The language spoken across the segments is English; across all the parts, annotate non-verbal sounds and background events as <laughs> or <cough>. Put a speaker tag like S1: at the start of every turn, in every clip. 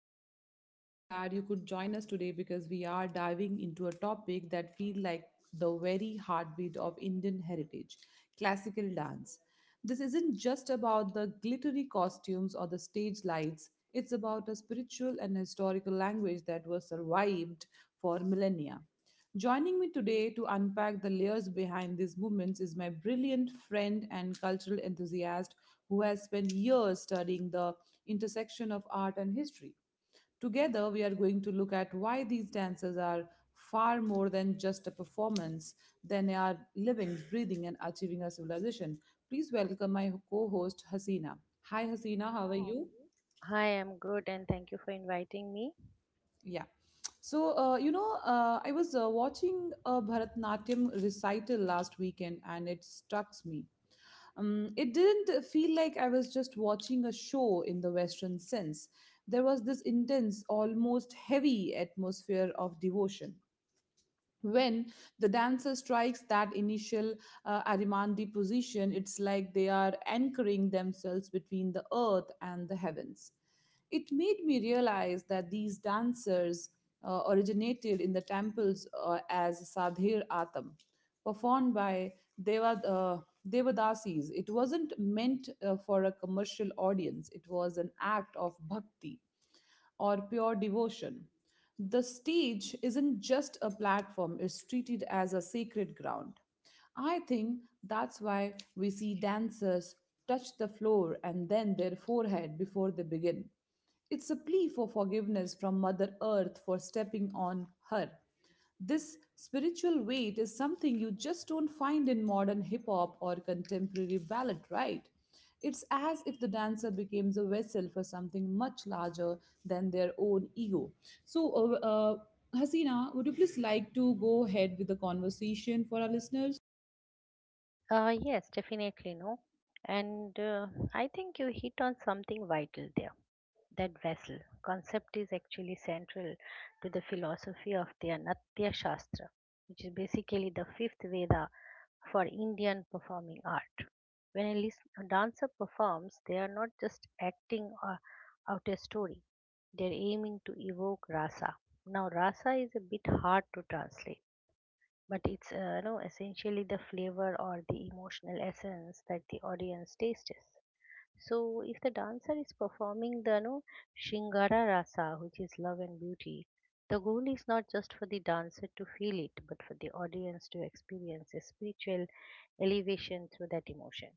S1: I'm so glad you could join us today because we are diving into a topic that feels like the very heartbeat of Indian heritage classical dance. This isn't just about the glittery costumes or the stage lights, it's about a spiritual and historical language that was survived for millennia. Joining me today to unpack the layers behind these movements is my brilliant friend and cultural enthusiast who has spent years studying the intersection of art and history. Together, we are going to look at why these dances are far more than just a performance, than they are living, breathing, and achieving a civilization. Please welcome my co host, Hasina. Hi,
S2: Hi,
S1: Hasina, how
S2: Hasina,
S1: are
S2: how are
S1: you?
S2: you? Hi, I'm good and thank you for inviting me.
S1: Yeah. So I was watching a Bharatnatyam recital last weekend and it struck me. It didn't feel like I was just watching a show in the Western sense. There was this intense, almost heavy atmosphere of devotion when the dancer strikes that initial arimandi position. It's like they are anchoring themselves between the earth and the heavens. It made me realize that these dancers originated in the temples as sadhir atam performed by Deva, uh, devadasis. It wasn't meant for a commercial audience. It was an act of bhakti or pure devotion. The stage isn't just a platform, it's treated as a sacred ground. I think that's why we see dancers touch the floor and then their forehead before they begin. It's a plea for forgiveness from Mother Earth for stepping on her. This spiritual weight is something you just don't find in modern hip hop or contemporary ballad, right? It's as if the dancer becomes a vessel for something much larger than their own ego. So, Hasina, would you please like to go ahead with the conversation for our listeners?
S2: Yes, definitely no. And I think you hit on something vital there. That vessel concept is actually central to the philosophy of the Natya Shastra, which is basically the fifth Veda for Indian performing art. When a dancer performs, they are not just acting out a story, they're aiming to evoke rasa. Now, rasa is a bit hard to translate but it's no essentially the flavor or the emotional essence that the audience tastes. So if the dancer is performing the no shingara rasa, which is love and beauty, the goal is not just for the dancer to feel it but for the audience to experience a spiritual elevation through that emotion.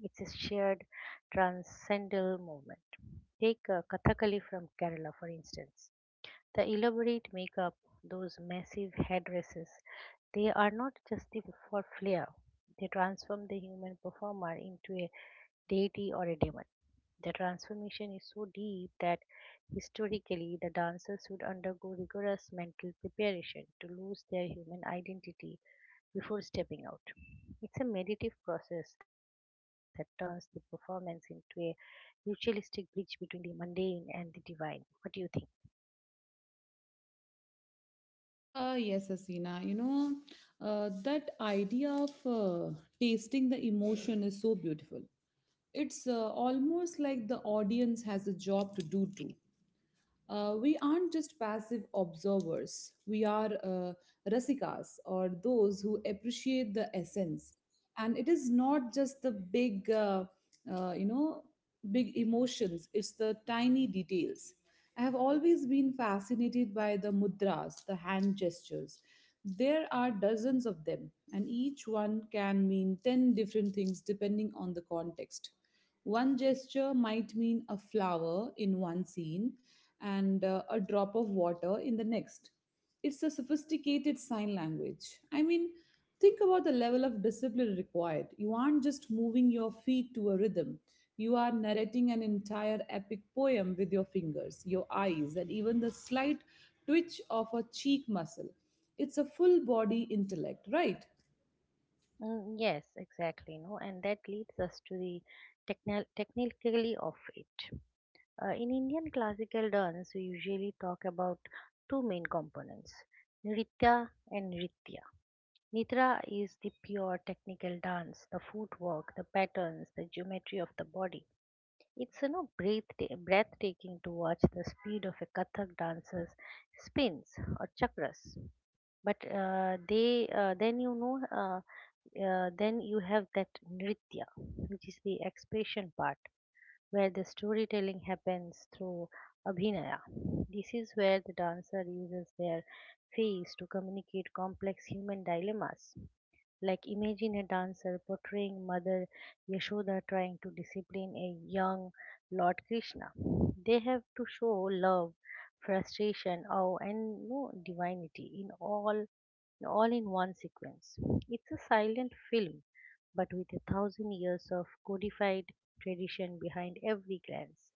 S2: It's a shared transcendental movement. Take kathakali from Kerala, for instance. The elaborate makeup, those massive headdresses, they are not just for flair. They transform the human performer into a deity or a demon. The transformation is so deep that historically the dancers would undergo rigorous mental preparation to lose their human identity before stepping out. It's a meditative process that turns the performance into a ritualistic bridge between the mundane and the divine. What do you think?
S1: Yes, Hasina. You know, that idea of tasting the emotion is so beautiful. It's almost like the audience has a job to do too. We aren't just passive observers, we are rasikas or those who appreciate the essence. And it is not just the uh, you know, big emotions, it's the tiny details. I have always been fascinated by the mudras, the hand gestures. There are dozens of them, and each one can mean 10 different things depending on the context. One gesture might mean a flower in one scene and a drop of water in the next. It's a sophisticated sign language. I mean, think about the level of discipline required. You aren't just moving your feet to a rhythm, you are narrating an entire epic poem with your fingers, your eyes, and even the slight twitch of a cheek muscle. It's a full body intellect, right?
S2: Mm, yes, exactly. No, and that leads us to the technically of it. In Indian classical dance, we usually talk about two main components, nritya and nritya. Nitra is the pure technical dance, the footwork, the patterns, the geometry of the body. It's breathtaking to watch the speed of a Kathak dancer's spins or chakras, but they then you know then you have that nritya, which is the expression part where the storytelling happens through abhinaya. This is where the dancer uses their face to communicate complex human dilemmas. Like imagine a dancer portraying Mother Yashoda trying to discipline a young Lord Krishna. They have to show love, frustration, awe, and no divinity, in all in one sequence. It's a silent film, but with a thousand years of codified tradition behind every glance.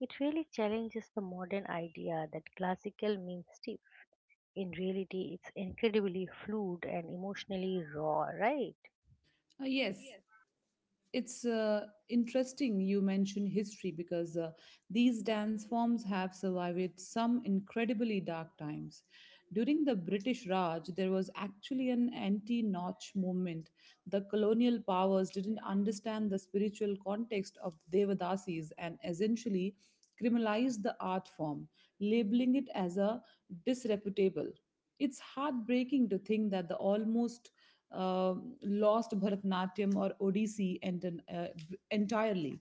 S2: It really challenges the modern idea that classical means stiff. In reality, it's incredibly fluid and emotionally raw, right?
S1: Yes, it's interesting you mention history because these dance forms have survived some incredibly dark times. During the British Raj, there was actually an anti Notch movement. The colonial powers didn't understand the spiritual context of Devadasis and essentially criminalized the art form, labeling it as a disreputable. It's heartbreaking to think that the almost uh, lost Bharatanatyam or Odissi and, entirely.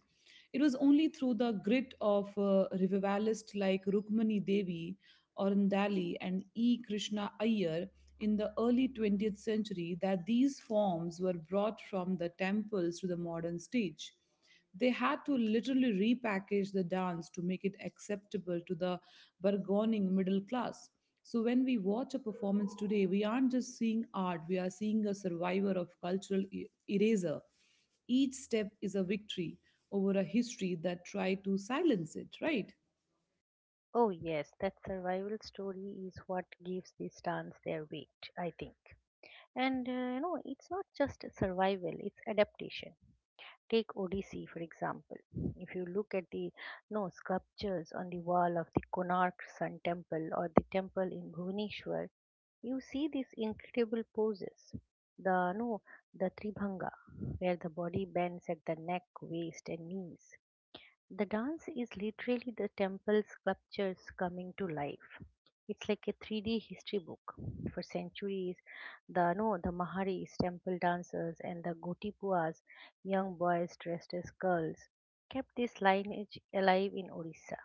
S1: It was only through the grit of revivalists like Rukmani Devi, Arundali, and E. Krishna Iyer in the early 20th century that these forms were brought from the temples to the modern stage. They had to literally repackage the dance to make it acceptable to the burgeoning middle class. So when we watch a performance today, we aren't just seeing art, we are seeing a survivor of cultural eraser. Each step is a victory over a history that tried to silence it, right?
S2: Oh, yes, that survival story is what gives these dance their weight, I think. It's not just survival, it's adaptation. Take Odyssey, for example. If you look at the no sculptures on the wall of the Konark Sun Temple or the temple in Bhubaneswar, you see these incredible poses. The no, The Tribhanga, where the body bends at the neck, waist, and knees. The dance is literally the temple sculptures coming to life. It's like a 3D history book. For centuries, the no, the Maharis, temple dancers, and the Gotipuas, young boys dressed as girls, kept this lineage alive in Orissa.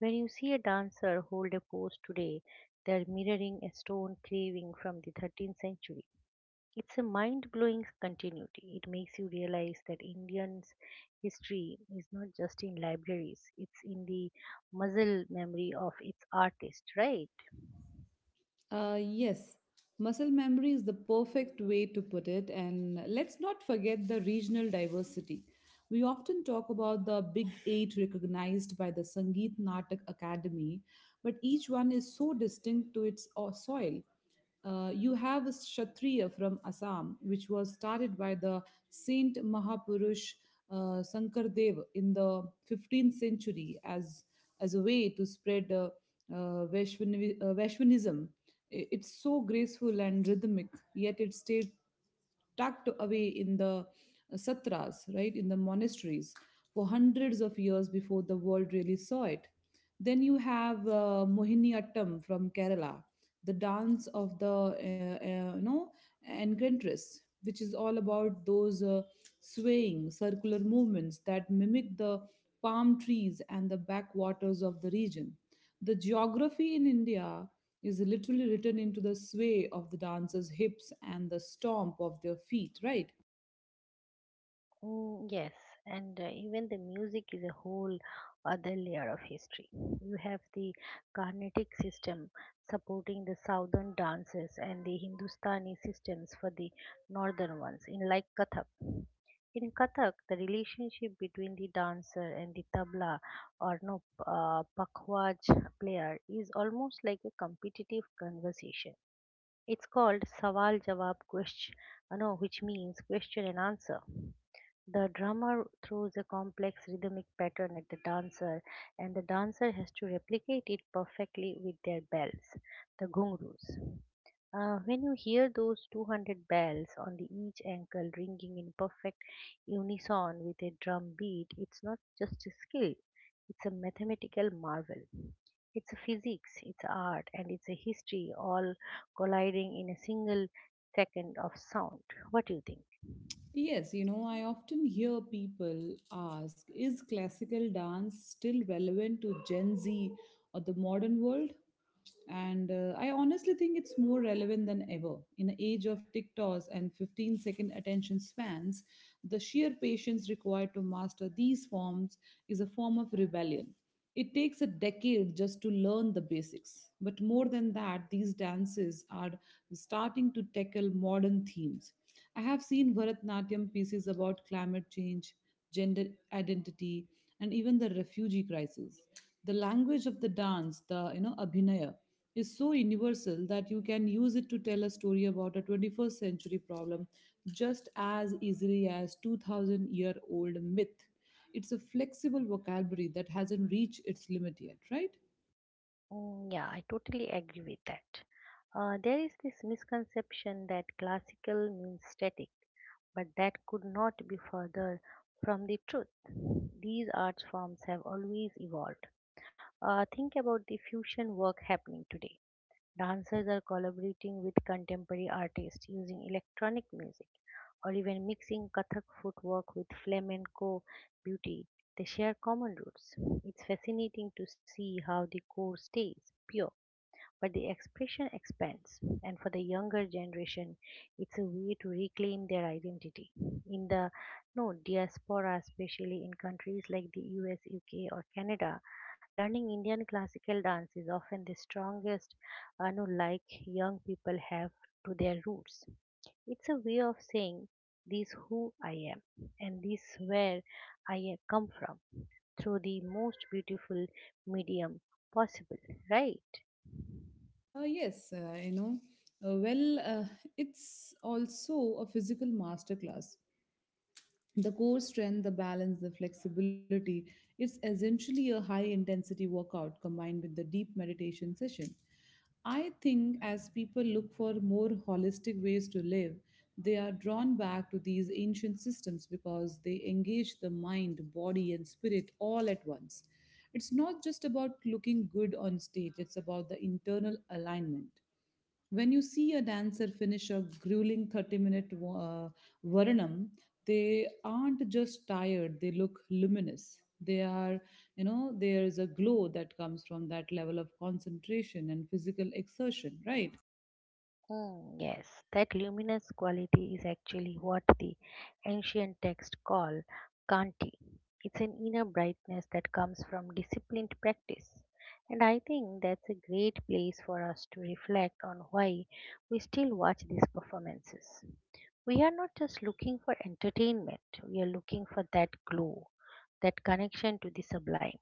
S2: When you see a dancer hold a pose today, they're mirroring a stone carving from the 13th century. It's a mind blowing continuity. It makes you realize that Indians' history is not just in libraries, it's in the muscle memory of its artists, right?
S1: Yes, muscle memory is the perfect way to put it, and let's not forget the regional diversity. We often talk about the Big Eight recognized by the Sangeet Natak Academy, but each one is so distinct to its soil. You have a Kshatriya from Assam, which was started by the Saint Mahapurush Sankardev in the 15th century as a way to spread Vaishnavism. It's so graceful and rhythmic, yet it stayed tucked away in the satras, right, in the monasteries for hundreds of years before the world really saw it. Then you have Mohiniyattam from Kerala, the dance of the enchantress, which is all about those swaying circular movements that mimic the palm trees and the backwaters of the region. The geography in India is literally written into the sway of the dancer's hips and the stomp of their feet, right?
S2: Mm, yes, and even the music is a whole other layer of history. You have the Carnatic system supporting the southern dances and the Hindustani systems for the northern ones, in like Kathak. In Kathak, the relationship between the dancer and the tabla or no pakhwaj player is almost like a competitive conversation. It's called Sawal Jawab Question, no, which means question and answer. The drummer throws a complex rhythmic pattern at the dancer, and the dancer has to replicate it perfectly with their bells, the ghungroos. When you hear those 200 bells on the each ankle ringing in perfect unison with a drum beat, it's not just a skill, it's a mathematical marvel. It's a physics, it's art, and it's a history all colliding in a single second of sound. What do you think?
S1: Yes, you know, I often hear people ask, is classical dance still relevant to Gen Z or the modern world? And I honestly think it's more relevant than ever. In the age of TikToks and 15-second attention spans, the sheer patience required to master these forms is a form of rebellion. It takes a decade just to learn the basics. But more than that, these dances are starting to tackle modern themes. I have seen Bharatnatyam pieces about climate change, gender identity, and even the refugee crisis. The language of the dance, the you know abhinaya, is so universal that you can use it to tell a story about a 21st century problem just as easily as 2000-year-old myth. It's a flexible vocabulary that hasn't reached its limit yet, right?
S2: Mm, yeah, I totally agree with that. There is this misconception that classical means static, but that could not be further from the truth. These art forms have always evolved. Think about the fusion work happening today. Dancers are collaborating with contemporary artists using electronic music or even mixing Kathak footwork with flamenco beauty. They share common roots. It's fascinating to see how the core stays pure but the expression expands, and for the younger generation, it's a way to reclaim their identity. In the no diaspora, especially in countries like the US, UK, or Canada, learning Indian classical dance is often the strongest no, like young people have to their roots. It's a way of saying this who I am and this where come from through the most beautiful medium possible, right?
S1: Yes, uh, well, uh, it's also a physical masterclass. The core strength, the balance, the flexibility. It's essentially a high intensity workout combined with the deep meditation session. I think as people look for more holistic ways to live, they are drawn back to these ancient systems because they engage the mind, body, and spirit all at once. It's not just about looking good on stage, it's about the internal alignment. When you see a dancer finish a grueling 30 minute varanam, they aren't just tired, they look luminous. They are, you know, there is a glow that comes from that level of concentration and physical exertion, right?
S2: Mm, yes, that luminous quality is actually what the ancient texts call kanti. It's an inner brightness that comes from disciplined practice. And I think that's a great place for us to reflect on why we still watch these performances. We are not just looking for entertainment, we are looking for that glow, that connection to the sublime,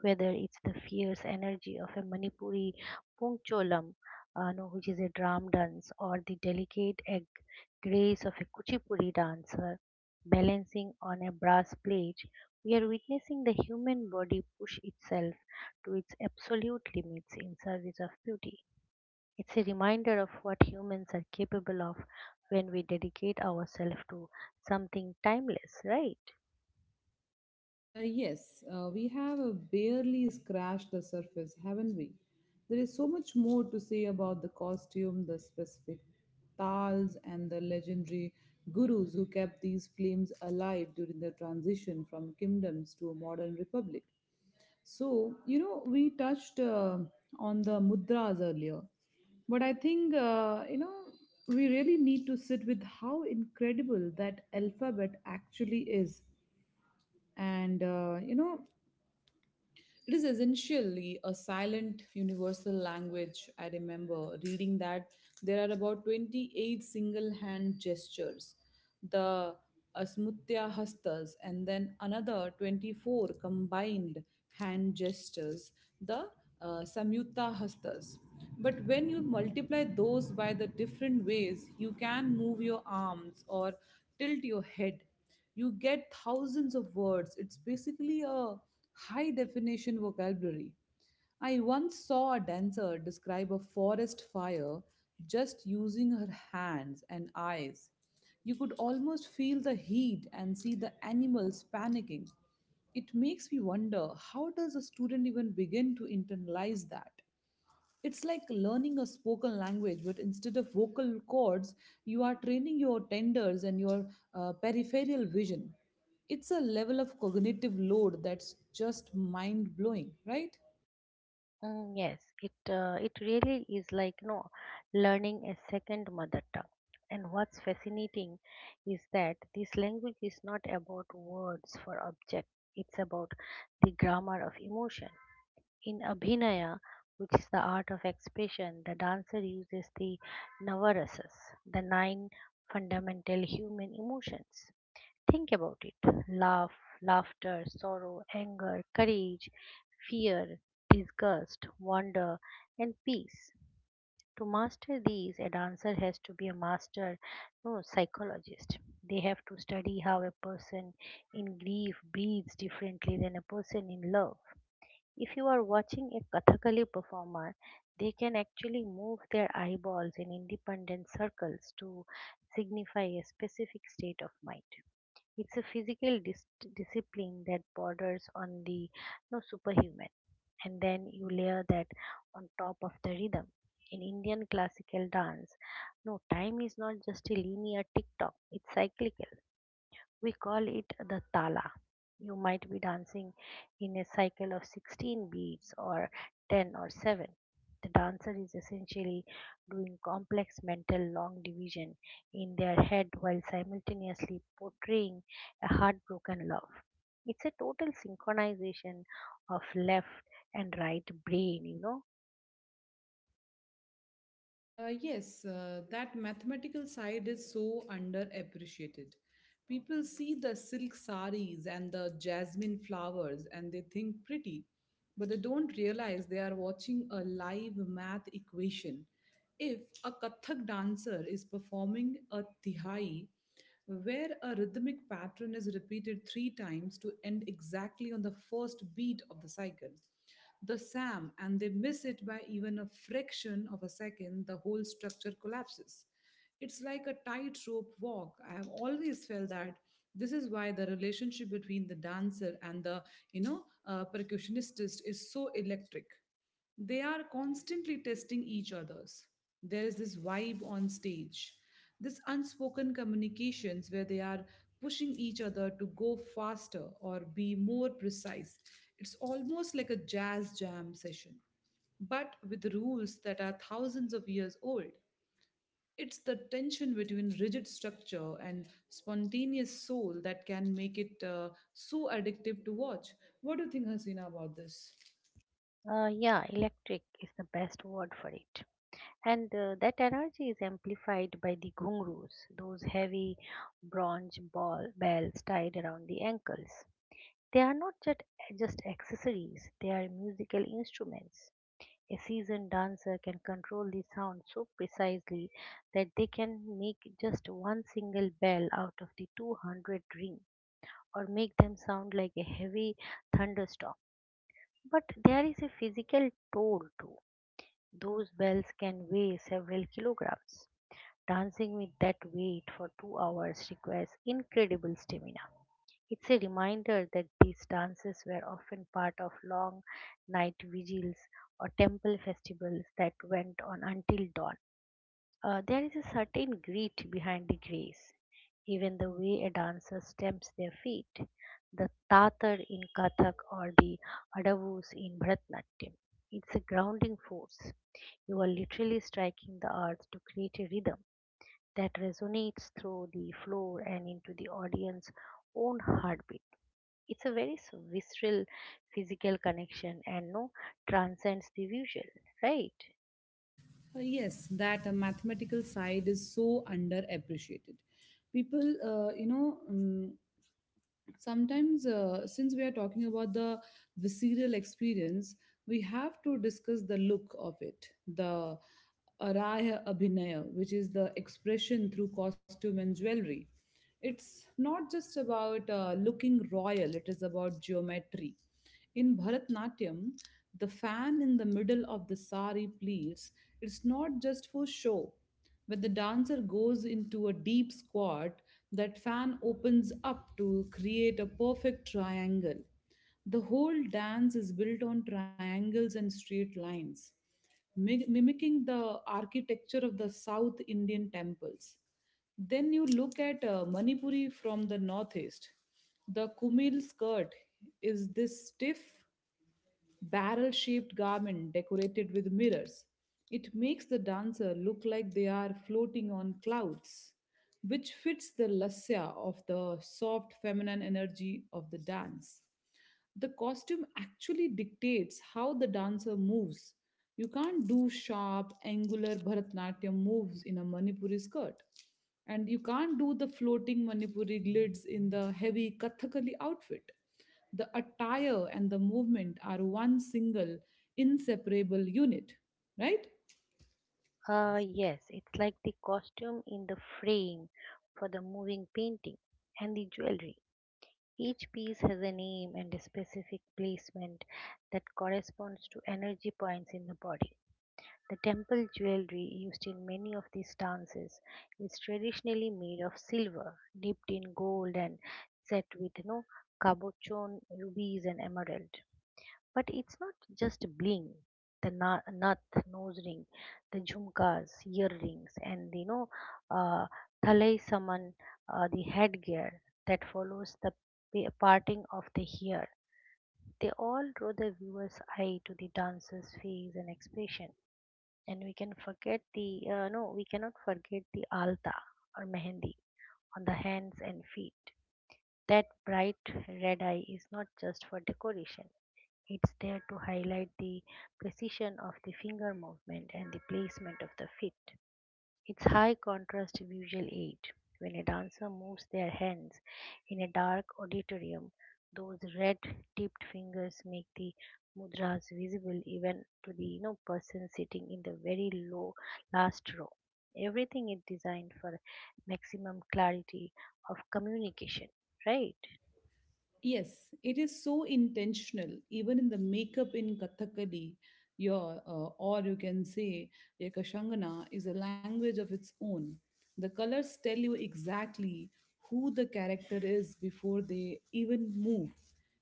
S2: whether it's the fierce energy of a Manipuri pungcholam, no, which is a drum dance, or the delicate grace of a kuchipuri dancer balancing on a brass plate. We are witnessing the human body push itself to its absolute limits in service of beauty. It's a reminder of what humans are capable of when we dedicate ourselves to something timeless, right?
S1: Yes, we have barely scratched the surface, haven't we? There is so much more to say about the costume, the specific tals, and the legendary gurus who kept these flames alive during the transition from kingdoms to a modern republic. So, you know, we touched on the mudras earlier, but I think, we really need to sit with how incredible that alphabet actually is. And, it is essentially a silent universal language. I remember reading that there are about 28 single hand gestures, the Asmutya Hastas, and then another 24 combined hand gestures, the Samyutta Hastas. But when you multiply those by the different ways you can move your arms or tilt your head, you get thousands of words. It's basically a high definition vocabulary. I once saw a dancer describe a forest fire just using her hands and eyes. You could almost feel the heat and see the animals panicking. It makes me wonder how does a student even begin to internalize that? It's like learning a spoken language, but instead of vocal cords, you are training your tenders and your peripheral vision. It's a level of cognitive load that's just mind blowing, right?
S2: Mm, yes, it really is like no learning a second mother tongue. And what's fascinating is that this language is not about words for object. It's about the grammar of emotion. In Abhinaya, which is the art of expression, the dancer uses the navarasas, the nine fundamental human emotions. Think about it: love, laughter, sorrow, anger, courage, fear, disgust, wonder, and peace. To master these, a dancer has to be a master, no psychologist. They have to study how a person in grief breathes differently than a person in love. If you are watching a Kathakali performer, they can actually move their eyeballs in independent circles to signify a specific state of mind. It's a physical discipline that borders on the no superhuman. And then you layer that on top of the rhythm. In Indian classical dance, no, time is not just a linear tick tock, it's cyclical. We call it the tala. You might be dancing in a cycle of 16 beats or 10 or 7. The dancer is essentially doing complex mental long division in their head while simultaneously portraying a heartbroken love. It's a total synchronization of left and right brain, you know.
S1: Yes, that mathematical side is so underappreciated. People see the silk saris and the jasmine flowers and they think pretty, but they don't realize they are watching a live math equation. If a Kathak dancer is performing a tihai, where a rhythmic pattern is repeated three times to end exactly on the first beat of the cycle, the SAM, and they miss it by even a fraction of a second, the whole structure collapses. It's like a tightrope walk. I have always felt that this is why the relationship between the dancer and the, you know, percussionist is so electric. They are constantly testing each other's. There is this vibe on stage, this unspoken communications where they are pushing each other to go faster or be more precise. It's almost like a jazz jam session, but with rules that are thousands of years old. It's the tension between rigid structure and spontaneous soul that can make it so addictive to watch. What do you think, Hasina, about this?
S2: Yeah, electric is the best word for it. And That energy is amplified by the ghungroos, those heavy bronze ball bells tied around the ankles. They are not just, just accessories, they are musical instruments. A seasoned dancer can control the sound so precisely that they can make just one single bell out of the 200 ring or make them sound like a heavy thunderstorm. But there is a physical toll too. Those bells can weigh several kilograms. Dancing with that weight for 2 hours requires incredible stamina. It's a reminder that these dances were often part of long night vigils or temple festivals that went on until dawn. There is a certain grit behind the grace, even the way a dancer stamps their feet, the tatar in Kathak or the adavus in Bharatnatyam. It's a grounding force. You are literally striking the earth to create a rhythm that resonates through the floor and into the audience's own heartbeat. It's a very visceral physical connection and no transcends the visual, right?
S1: Yes, that mathematical side is so underappreciated. People, you know, sometimes since we are talking about the visceral experience, we have to discuss the look of it, the araya abhinaya, which is the expression through costume and jewelry. It's not just about looking royal, it is about geometry. In Bharatnatyam, the fan in the middle of the sari pleats, it's not just for show. When the dancer goes into a deep squat, that fan opens up to create a perfect triangle. The whole dance is built on triangles and straight lines, mimicking the architecture of the South Indian temples. Then you look at Manipuri from the northeast. The Kumil skirt is this stiff, barrel shaped garment decorated with mirrors. It makes the dancer look like they are floating on clouds, which fits the lasya of the soft feminine energy of the dance. The costume actually dictates how the dancer moves. You can't do sharp, angular Bharatanatyam moves in a Manipuri skirt. And you can't do the floating Manipuri glides in the heavy Kathakali outfit. The attire and the movement are one single, inseparable unit, right?
S2: Yes, it's like the costume in the frame for the moving painting and the jewelry. Each piece has a name and a specific placement that corresponds to energy points in the body. The temple jewelry used in many of these dances is traditionally made of silver, dipped in gold and set with cabochon, rubies and emerald. But it's not just bling. The nath nose ring, the jhumkas, earrings, and the, uh, thalai saman, the headgear that follows the parting of the hair. They all draw the viewer's eye to the dancer's face and expression. And we can forget the no we cannot forget the alta or mehendi on the hands and feet. That bright red eye is not just for decoration, it's there to highlight the precision of the finger movement and the placement of the feet. It's high contrast visual aid. When a dancer moves their hands in a dark auditorium, those red tipped fingers make the mudras visible even to the person sitting in the very low last row. Everything is designed for maximum clarity of communication, right?
S1: Yes, it is so intentional. Even in the makeup in Kathakali, your or you can say your Kashangana is a language of its own. The colors tell you exactly who the character is before they even move.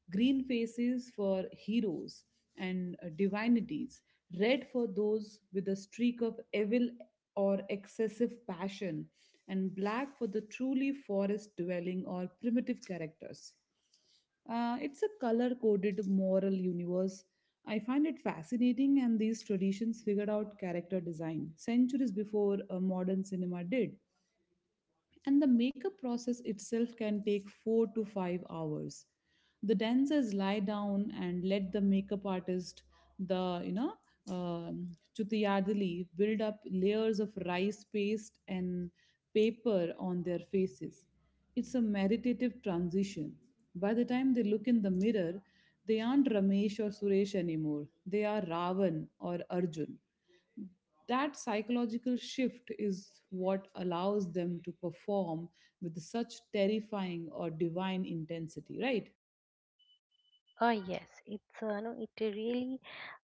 S1: Green faces for heroes and divinities, red for those with a streak of evil or excessive passion, and black for the truly forest dwelling or primitive characters. It's a color coded moral universe. I find it fascinating, and these traditions figured out character design centuries before modern cinema did. And the makeup process itself can take 4 to 5 hours. The dancers lie down and let the makeup artist, the you know um chutiyadali, build up layers of rice paste and paper on their faces. It's a meditative transition. By the time they look in the mirror, they aren't Ramesh or Suresh anymore, they are Ravan or Arjun. That psychological shift is what allows them to perform with such terrifying or divine intensity, right?
S2: Oh yes, it's no, it really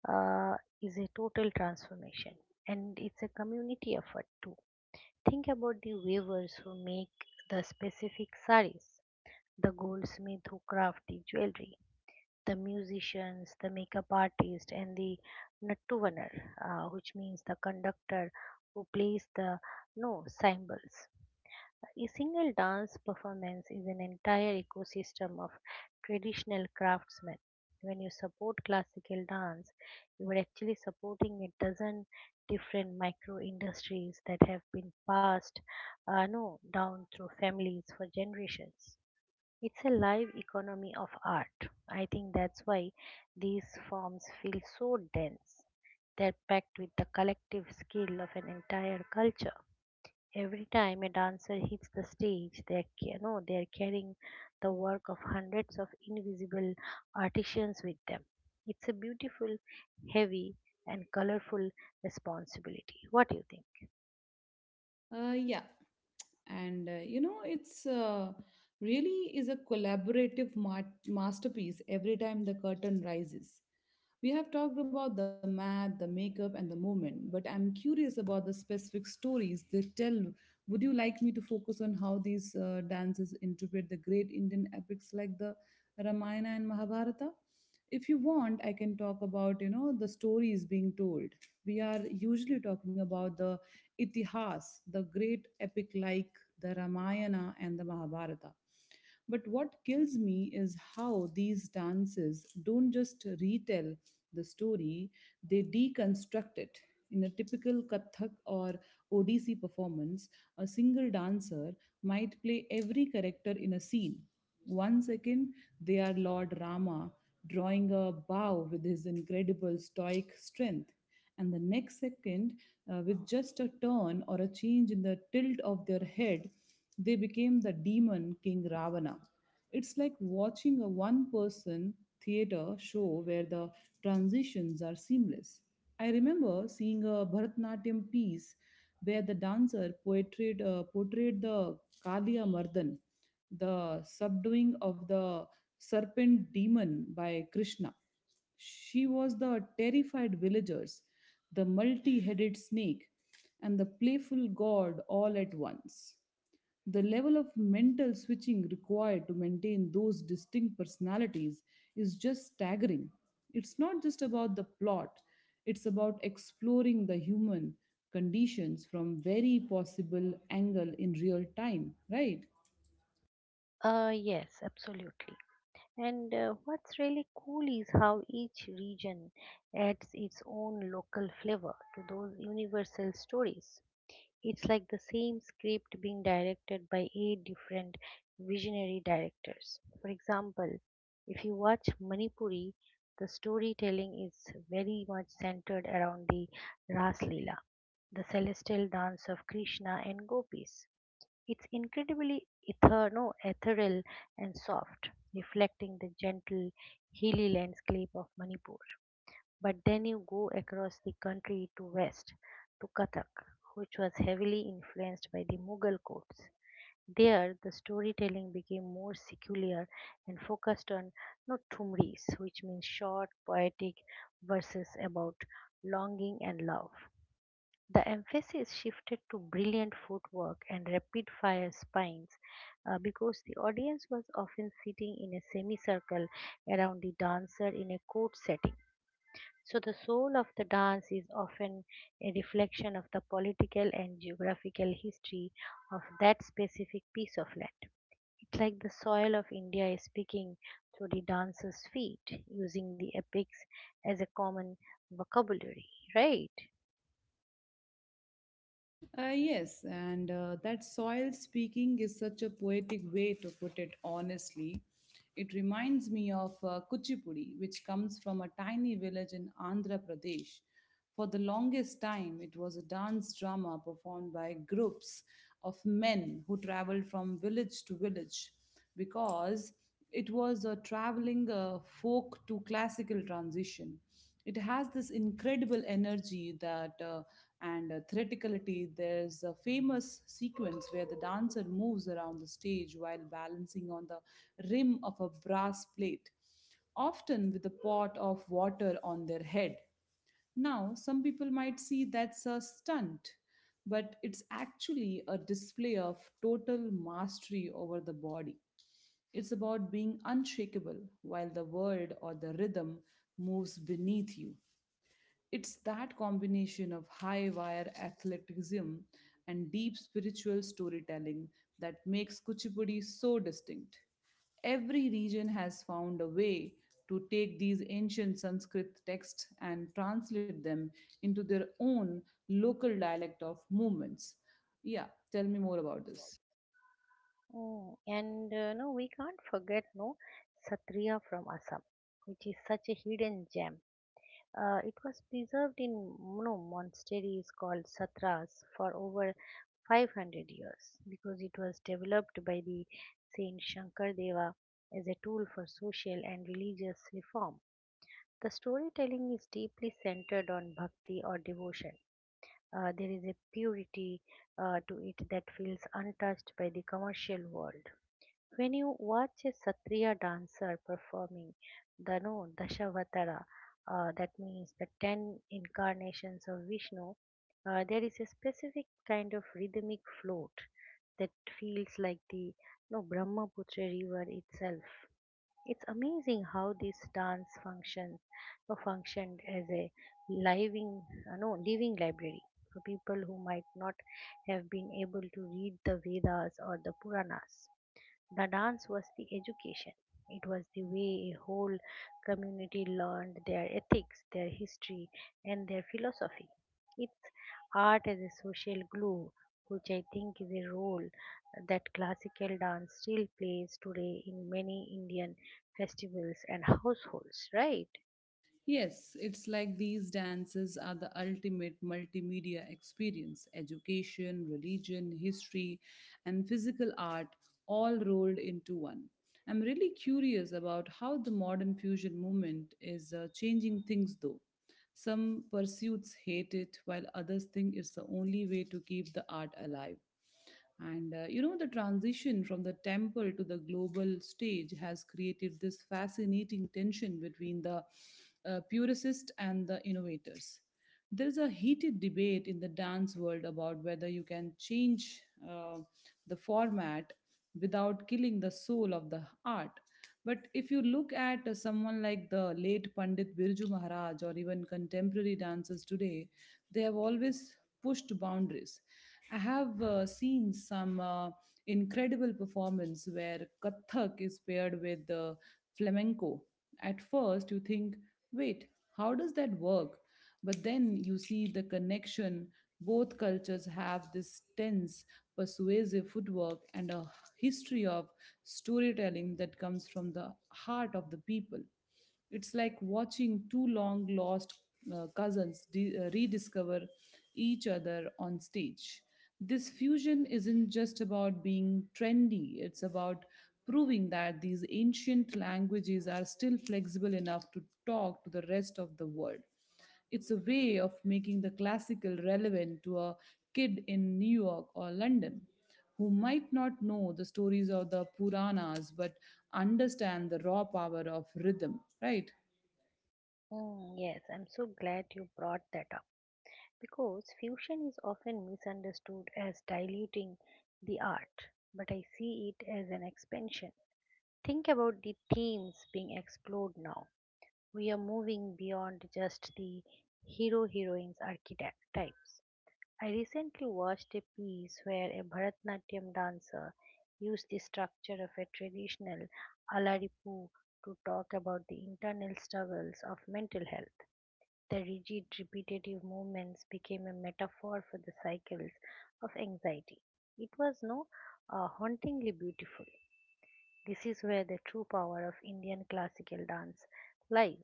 S2: uh, is a total transformation, and it's a community effort too. Think about the weavers who make the specific saris, the goldsmith who craft the jewelry, the musicians, the makeup artist, and the nattuvanar, which means the conductor who plays the no cymbals. A single dance performance is an entire ecosystem of traditional craftsmen. When you support classical dance, you are actually supporting a dozen different micro industries that have been passed no, down through families for generations. It's a live economy of art. I think that's why these forms feel so dense. They're packed with the collective skill of an entire culture. Every time a dancer hits the stage, they are, ca- no, they are carrying the work of hundreds of invisible artisans with them. It's a beautiful, heavy, and colorful responsibility. What do you think?
S1: Yeah. And you know, it's really is a collaborative masterpiece every time the curtain rises. We have talked about the math, the makeup, and the movement, but I'm curious about the specific stories they tell. Would you like me to focus on how these dances interpret the great Indian epics like the Ramayana and Mahabharata? If you want, I can talk about the stories being told. We are usually talking about the itihas, the great epic like the Ramayana and the Mahabharata. But what kills me is how these dances don't just retell the story, they deconstruct it. In a typical Kathak or Odissi performance, a single dancer might play every character in a scene. One second, they are Lord Rama, drawing a bow with his incredible stoic strength, and the next second, with just a turn or a change in the tilt of their head, they became the demon King Ravana. It's like watching a one person theater show where the transitions are seamless. I remember seeing a Bharatanatyam piece where the dancer portrayed the Kaliya Mardan, the subduing of the serpent demon by Krishna. She was the terrified villagers, the multi headed snake, and the playful god all at once. The level of mental switching required to maintain those distinct personalities is just staggering. It's not just about the plot, it's about exploring the human conditions from very possible angle in real time, right?
S2: Yes, absolutely. And what's really cool is how each region adds its own local flavor to those universal stories. It's like the same script being directed by eight different visionary directors. For example, if you watch Manipuri, the storytelling is very much centered around the Ras Leela, the celestial dance of Krishna and gopis. It's incredibly ether, no, ethereal and soft, reflecting the gentle hilly landscape of Manipur. But then you go across the country to west to Kathak, which was heavily influenced by the Mughal courts. There, the storytelling became more secular and focused on notumris, which means short, poetic verses about longing and love. The emphasis shifted to brilliant footwork and rapid fire spines because the audience was often sitting in a semicircle around the dancer in a court setting. So, the soul of the dance is often a reflection of the political and geographical history of that specific piece of land. It's like the soil of India is speaking through the dancer's feet, using the epics as a common vocabulary, right?
S1: Yes, and that soil speaking is such a poetic way to put it honestly. It reminds me of Kuchipudi, which comes from a tiny village in Andhra Pradesh. For the longest time, it was a dance drama performed by groups of men who traveled from village to village because it was a traveling folk to classical transition. It has this incredible energy that and theatricality. There's a famous sequence where the dancer moves around the stage while balancing on the rim of a brass plate, often with a pot of water on their head. Now, some people might see that's a stunt, but it's actually a display of total mastery over the body. It's about being unshakable while the world or the rhythm moves beneath you. It's that combination of high wire athleticism and deep spiritual storytelling that makes Kuchipudi so distinct. Every region has found a way to take these ancient Sanskrit texts and translate them into their own local dialect of movements. Yeah, tell me more about this.
S2: Mm, and we can't forget no Satriya from Assam, which is such a hidden gem. It was preserved in you know, monasteries called satras for over 500 years because it was developed by the Saint Shankardeva as a tool for social and religious reform. The storytelling is deeply centered on bhakti or devotion. There is a purity to it that feels untouched by the commercial world. When you watch a Satriya dancer performing the no Dashavatara, that means the 10 incarnations of Vishnu, there is a specific kind of rhythmic float that feels like the no Brahmaputra river itself. It's amazing how this dance functions no, functioned as a living no living library for people who might not have been able to read the Vedas or the Puranas. The dance was the education. It was the way a whole community learned their ethics, their history, and their philosophy. It's art as a social glue, which I think is a role that classical dance still plays today in many Indian festivals and households, right?
S1: Yes, it's like these dances are the ultimate multimedia experience: education, religion, history, and physical art all rolled into one. I'm really curious about how the modern fusion movement is changing things though. Some pursuits hate it, while others think it's the only way to keep the art alive. And the transition from the temple to the global stage has created this fascinating tension between the purist and the innovators. There is a heated debate in the dance world about whether you can change uh, the format without killing the soul of the art. But if you look at someone like the late Pandit Birju Maharaj or even contemporary dancers today, they have always pushed boundaries. I have seen some incredible performance where Kathak is paired with flamenco. At first, you think, wait, how does that work? But then you see the connection. Both cultures have this tense, persuasive footwork and a history of storytelling that comes from the heart of the people. It's like watching two long lost cousins rediscover each other on stage. This fusion isn't just about being trendy, it's about proving that these ancient languages are still flexible enough to talk to the rest of the world. It's a way of making the classical relevant to a kid in New York or London who might not know the stories of the Puranas but understand the raw power of rhythm, right?
S2: Mm, yes, I'm so glad you brought that up because fusion is often misunderstood as diluting the art, but I see it as an expansion. Think about the themes being explored now. We are moving beyond just the hero heroines archetypes. I recently watched a piece where a Bharatnatyam dancer used the structure of a traditional alaripu to talk about the internal struggles of mental health. The rigid, repetitive movements became a metaphor for the cycles of anxiety. It was no hauntingly beautiful. This is where the true power of Indian classical dance lies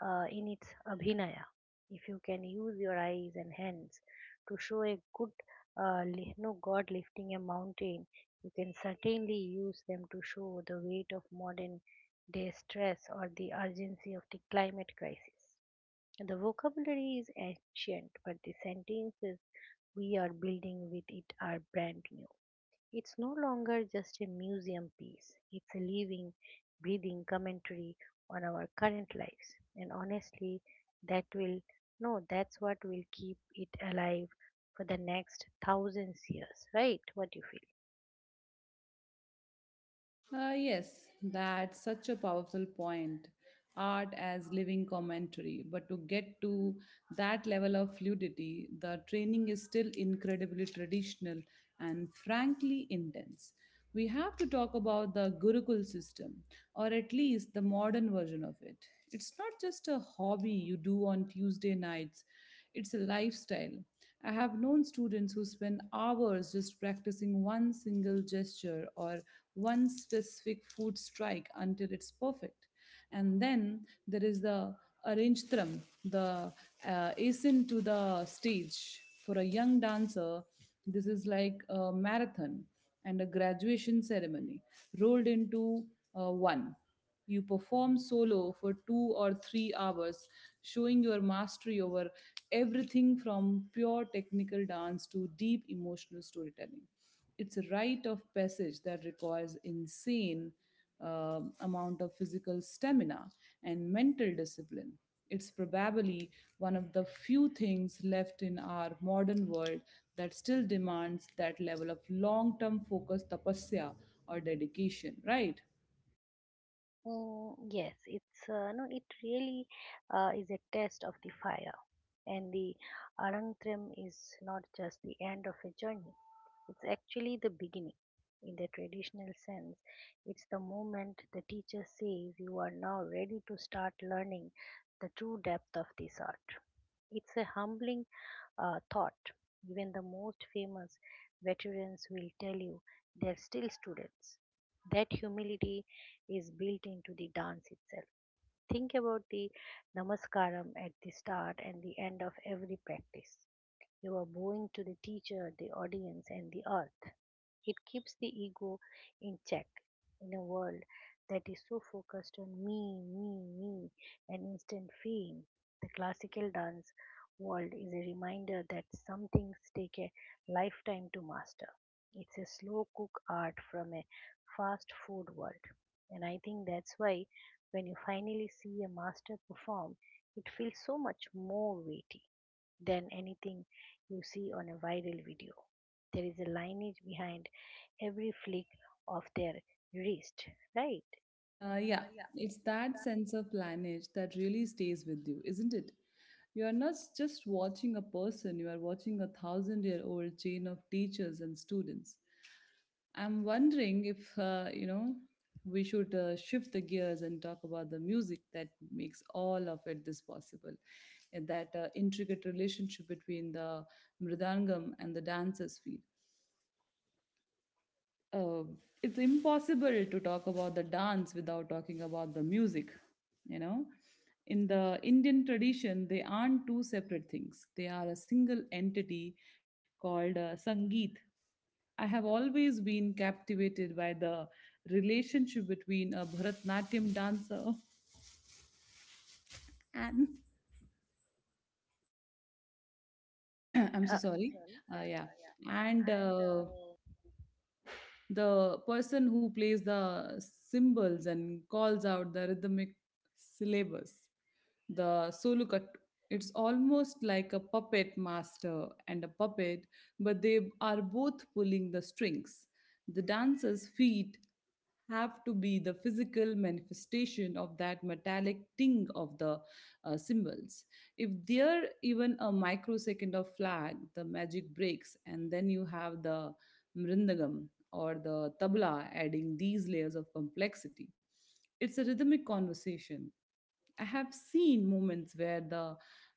S2: in its abhinaya. If you can use your eyes and hands to show a good li- no god lifting a mountain, you can certainly use them to show the weight of modern day stress or the urgency of the climate crisis. The vocabulary is ancient, but the sentences we are building with it are brand new. It's no longer just a museum piece, it's a living, breathing commentary on our current lives. And honestly, that will, no, that's what will keep it alive for the next thousands years, right? What do you feel?
S1: Yes, that's such a powerful point. Art as living commentary. But to get to that level of fluidity, the training is still incredibly traditional and frankly intense. We have to talk about the Gurukul system, or at least the modern version of it. It's not just a hobby you do on Tuesday nights, it's a lifestyle. I have known students who spend hours just practicing one single gesture or one specific food strike until it's perfect. And then there is the arrangetram, the ascent to the stage. For a young dancer, this is like a marathon and a graduation ceremony rolled into one. You perform solo for two or three hours, showing your mastery over everything from pure technical dance to deep emotional storytelling. It's a rite of passage that requires insane amount of physical stamina and mental discipline. It's probably one of the few things left in our modern world that still demands that level of long term focus, tapasya, or dedication, right?
S2: Mm, yes, it's no, it really is a test of the fire. And the Anantram is not just the end of a journey, it's actually the beginning. In the traditional sense, it's the moment the teacher says you are now ready to start learning the true depth of this art. It's a humbling thought. Even the most famous veterans will tell you they're still students. That humility is built into the dance itself. Think about the namaskaram at the start and the end of every practice. You are bowing to the teacher, the audience, and the earth. It keeps the ego in check in a world that is so focused on me, me, me, and instant fame. The classical dance world is a reminder that some things take a lifetime to master. It's a slow cook art from a fast food world. And I think that's why when you finally see a master perform, it feels so much more weighty than anything you see on a viral video. There is a lineage behind every flick of their wrist, right?
S1: Yeah, it's that sense of lineage that really stays with you, isn't it? You are not just watching a person, you are watching a thousand year old chain of teachers and students. I'm wondering if, we should shift the gears and talk about the music that makes all of it this possible. And that intricate relationship between the mridangam and the dancer's feet. uh, it's impossible to talk about the dance without talking about the music. you know in the Indian tradition, they aren't two separate things, they are a single entity called sangeet. I have always been captivated by the relationship between a Bharatnatyam dancer <laughs> and <coughs> <clears throat> I'm so
S2: Uh,
S1: sorry. Yeah and
S2: oh,
S1: The person who plays the cymbals and calls out the rhythmic syllables, the solukat. It's almost like a puppet master and a puppet, but they are both pulling the strings. The dancer's feet have to be the physical manifestation of that metallic ting of the symbols. If there even a microsecond of flag, the magic breaks, and then you have the mrindagam or the tabla, adding these layers of complexity. It's a rhythmic conversation. I have seen moments where the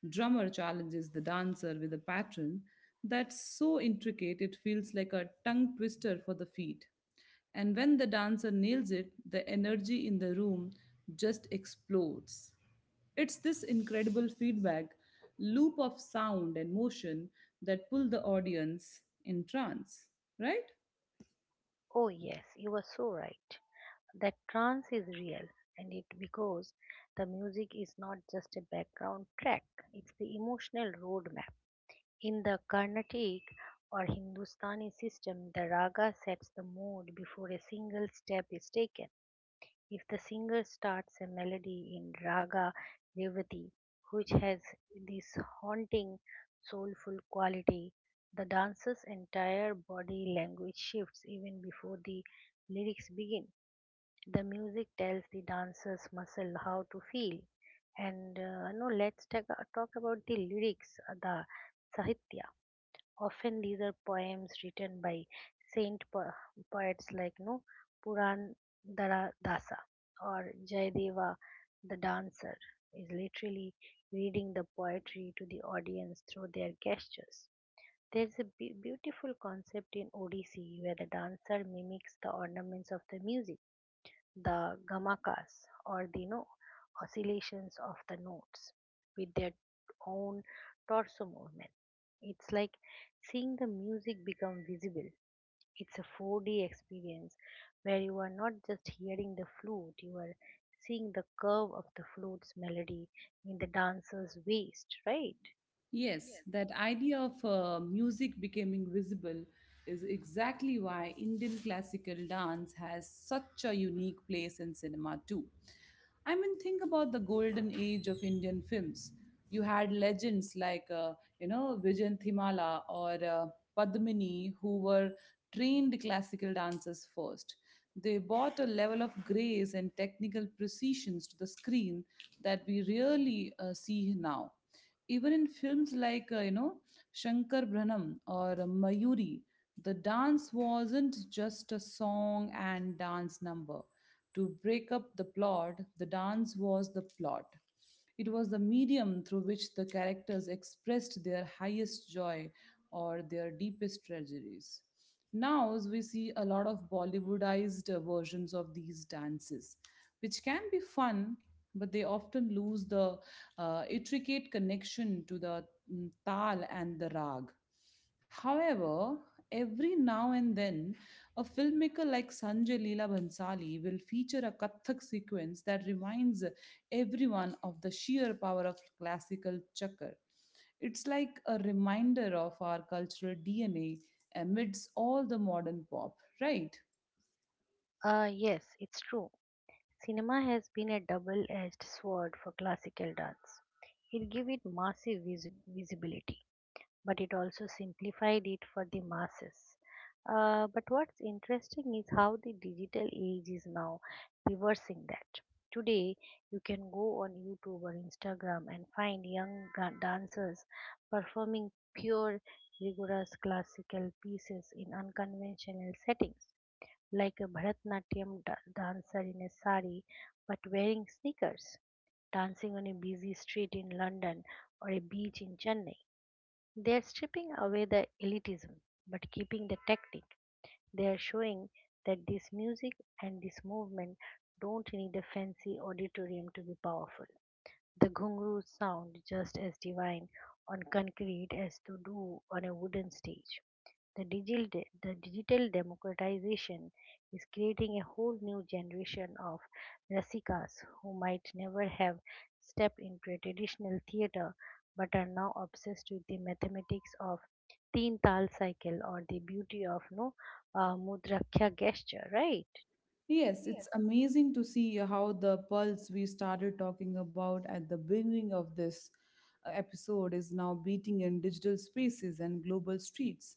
S1: drummer challenges the dancer with a pattern that's so intricate it feels like a tongue twister for the feet. And when the dancer nails it, the energy in the room just explodes. It's this incredible feedback loop of sound and motion that pull the audience in trance, right?
S2: oh, yes, you are so right. That trance is real, and it because the music is not just a background track, it's the emotional roadmap. In the Carnatic or Hindustani system, the raga sets the mood before a single step is taken. If the singer starts a melody in Raga Revati, which has this haunting, soulful quality, the dancer's entire body language shifts even before the lyrics begin. The music tells the dancer's muscle how to feel. And talk about the lyrics, the sahitya. Often these are poems written by saint po- poets like no Puran Dara Dasa or Jayadeva. The dancer is literally reading the poetry to the audience through their gestures. There's a beautiful concept in Odissi where the dancer mimics the ornaments of the music, the gamakas or the no oscillations of the notes with their own torso movement. It's like seeing the music become visible. It's a 4D experience where you are not just hearing the flute, you are seeing the curve of the flute's melody in the dancer's waist, right?
S1: Yes,
S2: Yes.
S1: that idea of music becoming visible is exactly why Indian classical dance has such a unique place in cinema, too. I mean, think about the golden age of Indian films. You had legends like, Vijayan Thimala or Padmini, who were trained classical dancers first. They brought a level of grace and technical precisions to the screen that we rarely see now. Even in films like, Shankar Branham or Mayuri, the dance wasn't just a song and dance number. To break up the plot, the dance was the plot. It was the medium through which the characters expressed their highest joy or their deepest tragedies. Now, as we see a lot of Bollywoodized versions of these dances, which can be fun, but they often lose the intricate connection to the tal and the rag. However, every now and then, a filmmaker like Sanjay Leela Bhansali will feature a Kathak sequence that reminds everyone of the sheer power of classical chakar. It's like a reminder of our cultural DNA amidst all the modern pop, right?
S2: Yes, it's true. Cinema has been a double edged sword for classical dance. It gives it massive visibility, but it also simplified it for the masses. But what's interesting is how the digital age is now reversing that. Today, you can go on YouTube or Instagram and find young dancers performing pure, rigorous classical pieces in unconventional settings, like a Bharatnatyam dancer in a sari but wearing sneakers, dancing on a busy street in London or a beach in Chennai. They are stripping away the elitism but keeping the tactic. They are showing that this music and this movement don't need a fancy auditorium to be powerful. The ghungroos sound just as divine on concrete as to do on a wooden stage. The, digital, the digital democratization is creating a whole new generation of Rasikas who might never have stepped into a traditional theater but are now obsessed with the mathematics of teen tal cycle or the beauty of no mudrakya gesture, right?
S1: Yes,
S2: Yes.
S1: it's amazing to see how the pulse we started talking about at the beginning of this episode is now beating in digital spaces and global streets.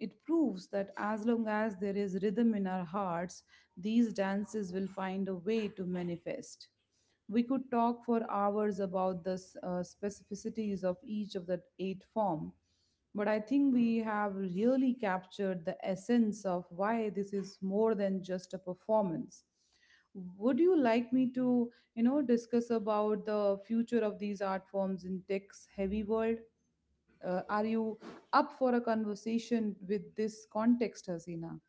S1: It proves that as long as there is rhythm in our hearts, these dances will find a way to manifest. We could talk for hours about the specificities of each of the eight form, but I think we have really captured the essence of why this is more than just a performance. Would you like me to, you know, discuss about the future of these art forms in tech's heavy world? Are you up for a conversation with this context, Hasina?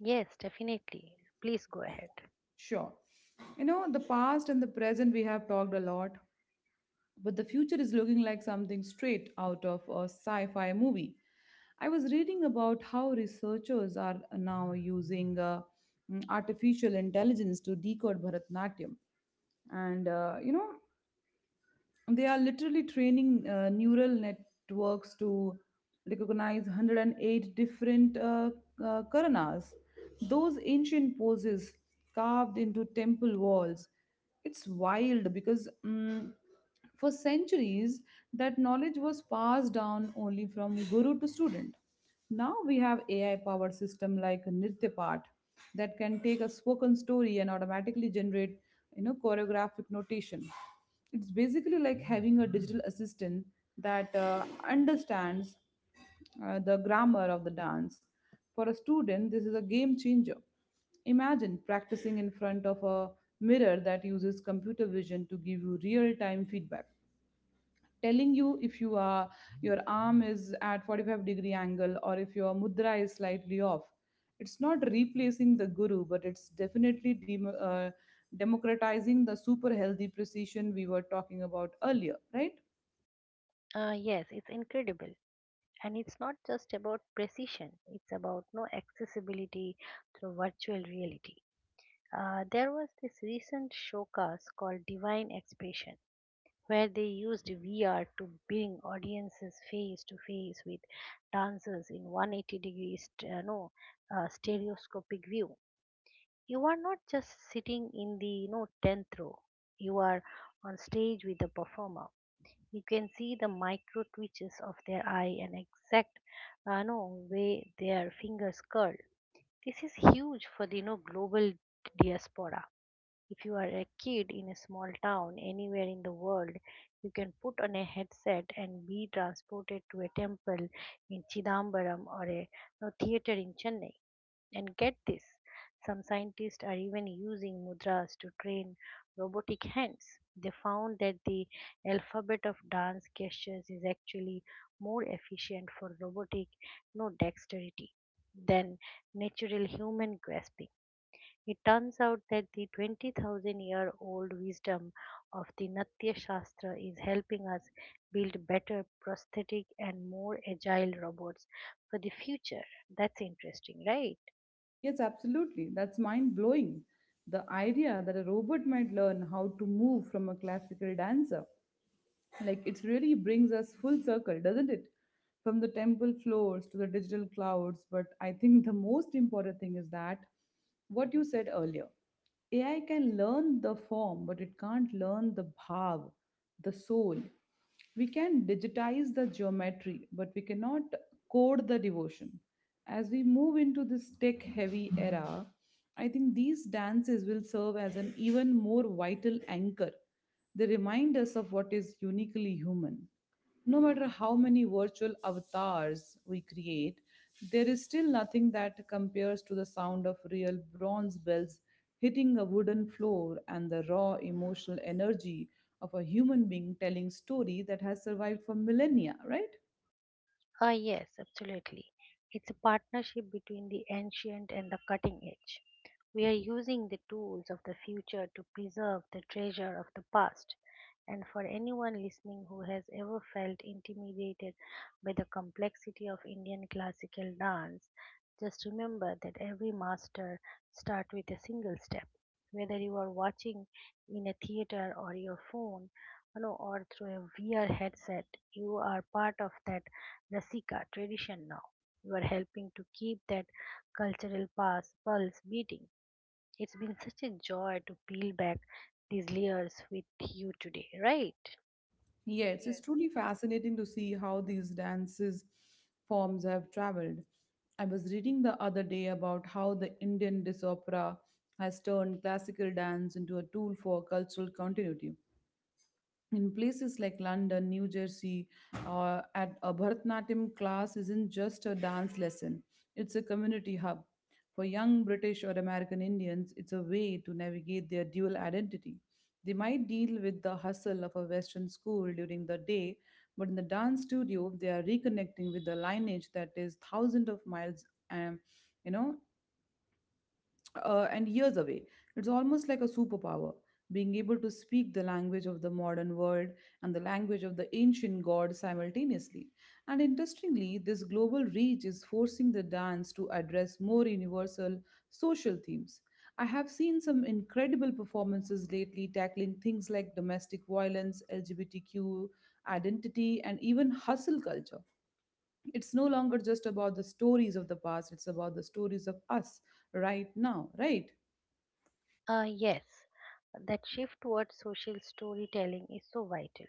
S2: Yes, definitely. Please go ahead.
S1: Sure. You know, the past and the present we have talked a lot, but the future is looking like something straight out of a sci fi movie. I was reading about how researchers are now using artificial intelligence to decode Bharatanatyam. And you know, they are literally training neural networks to recognize 108 different karanas, those ancient poses carved into temple walls. It's wild because, for centuries, that knowledge was passed down only from guru to student. Now we have AI powered system like Nrityapart that can take a spoken story and automatically generate, you know, choreographic notation. It's basically like having a digital assistant that understands the grammar of the dance. For a student, this is a game changer. Imagine practicing in front of a mirror that uses computer vision to give you real time feedback, telling you if your arm is at 45-degree angle or if your mudra is slightly off. It's not replacing the guru, but it's definitely democratizing the super healthy precision we were talking about earlier, right?
S2: Yes, it's incredible. And it's not just about precision, it's about no accessibility through virtual reality. There was this recent showcase called Divine Expression, where they used VR to bring audiences face to face with dancers in 180 degrees, st- no, stereoscopic view. You are not just sitting in the you know, 10th row, you are on stage with the performer. You can see the micro twitches of their eye and exact no, way their fingers curl. This is huge for the you know, global diaspora. If you are a kid in a small town anywhere in the world, you can put on a headset and be transported to a temple in Chidambaram or a no, theater in Chennai. And get this, some scientists are even using mudras to train robotic hands. They found that the alphabet of dance gestures is actually more efficient for robotic no dexterity than natural human grasping. It turns out that the 20,000 year old wisdom of the Natya Shastra is helping us build better prosthetic and more agile robots for the future. That's interesting, right?
S1: Yes, absolutely, that's mind blowing. The idea that a robot might learn how to move from a classical dancer. Like, it really brings us full circle, doesn't it? From the temple floors to the digital clouds. But I think the most important thing is that what you said earlier, AI can learn the form, but it can't learn the bhav, the soul. We can digitize the geometry, but we cannot code the devotion. As we move into this tech heavy era, I think these dances will serve as an even more vital anchor. They remind us of what is uniquely human. No matter how many virtual avatars we create, there is still nothing that compares to the sound of real bronze bells hitting a wooden floor and the raw emotional energy of a human being telling story that has survived for millennia, right?
S2: Ah, yes, absolutely. It's a partnership between the ancient and the cutting edge. We are using the tools of the future to preserve the treasure of the past. And for anyone listening who has ever felt intimidated by the complexity of Indian classical dance, just remember that every master starts with a single step. Whether you are watching in a theater or your phone, you know, or through a VR headset, you are part of that Rasika tradition now. You are helping to keep that pulse beating. It's been such a joy to peel back these layers with you today, right?
S1: Yes, it's truly fascinating to see how these dances forms have traveled. I was reading the other day about how the Indian dance opera has turned classical dance into a tool for cultural continuity in places like London, New Jersey. At a Bharatanatyam class isn't just a dance lesson, it's a community hub. For young British or American Indians, it's a way to navigate their dual identity. They might deal with the hustle of a Western school during the day, but in the dance studio, they are reconnecting with the lineage that is thousands of miles, um, you know, and years away. It's almost like a superpower, being able to speak the language of the modern world and the language of the ancient gods simultaneously. And interestingly, this global reach is forcing the dance to address more universal social themes. I have seen some incredible performances lately tackling things like domestic violence, LGBTQ identity, and even hustle culture. It's no longer just about the stories of the past, it's about the stories of us right now, right?
S2: Yes, that shift towards social storytelling is so vital.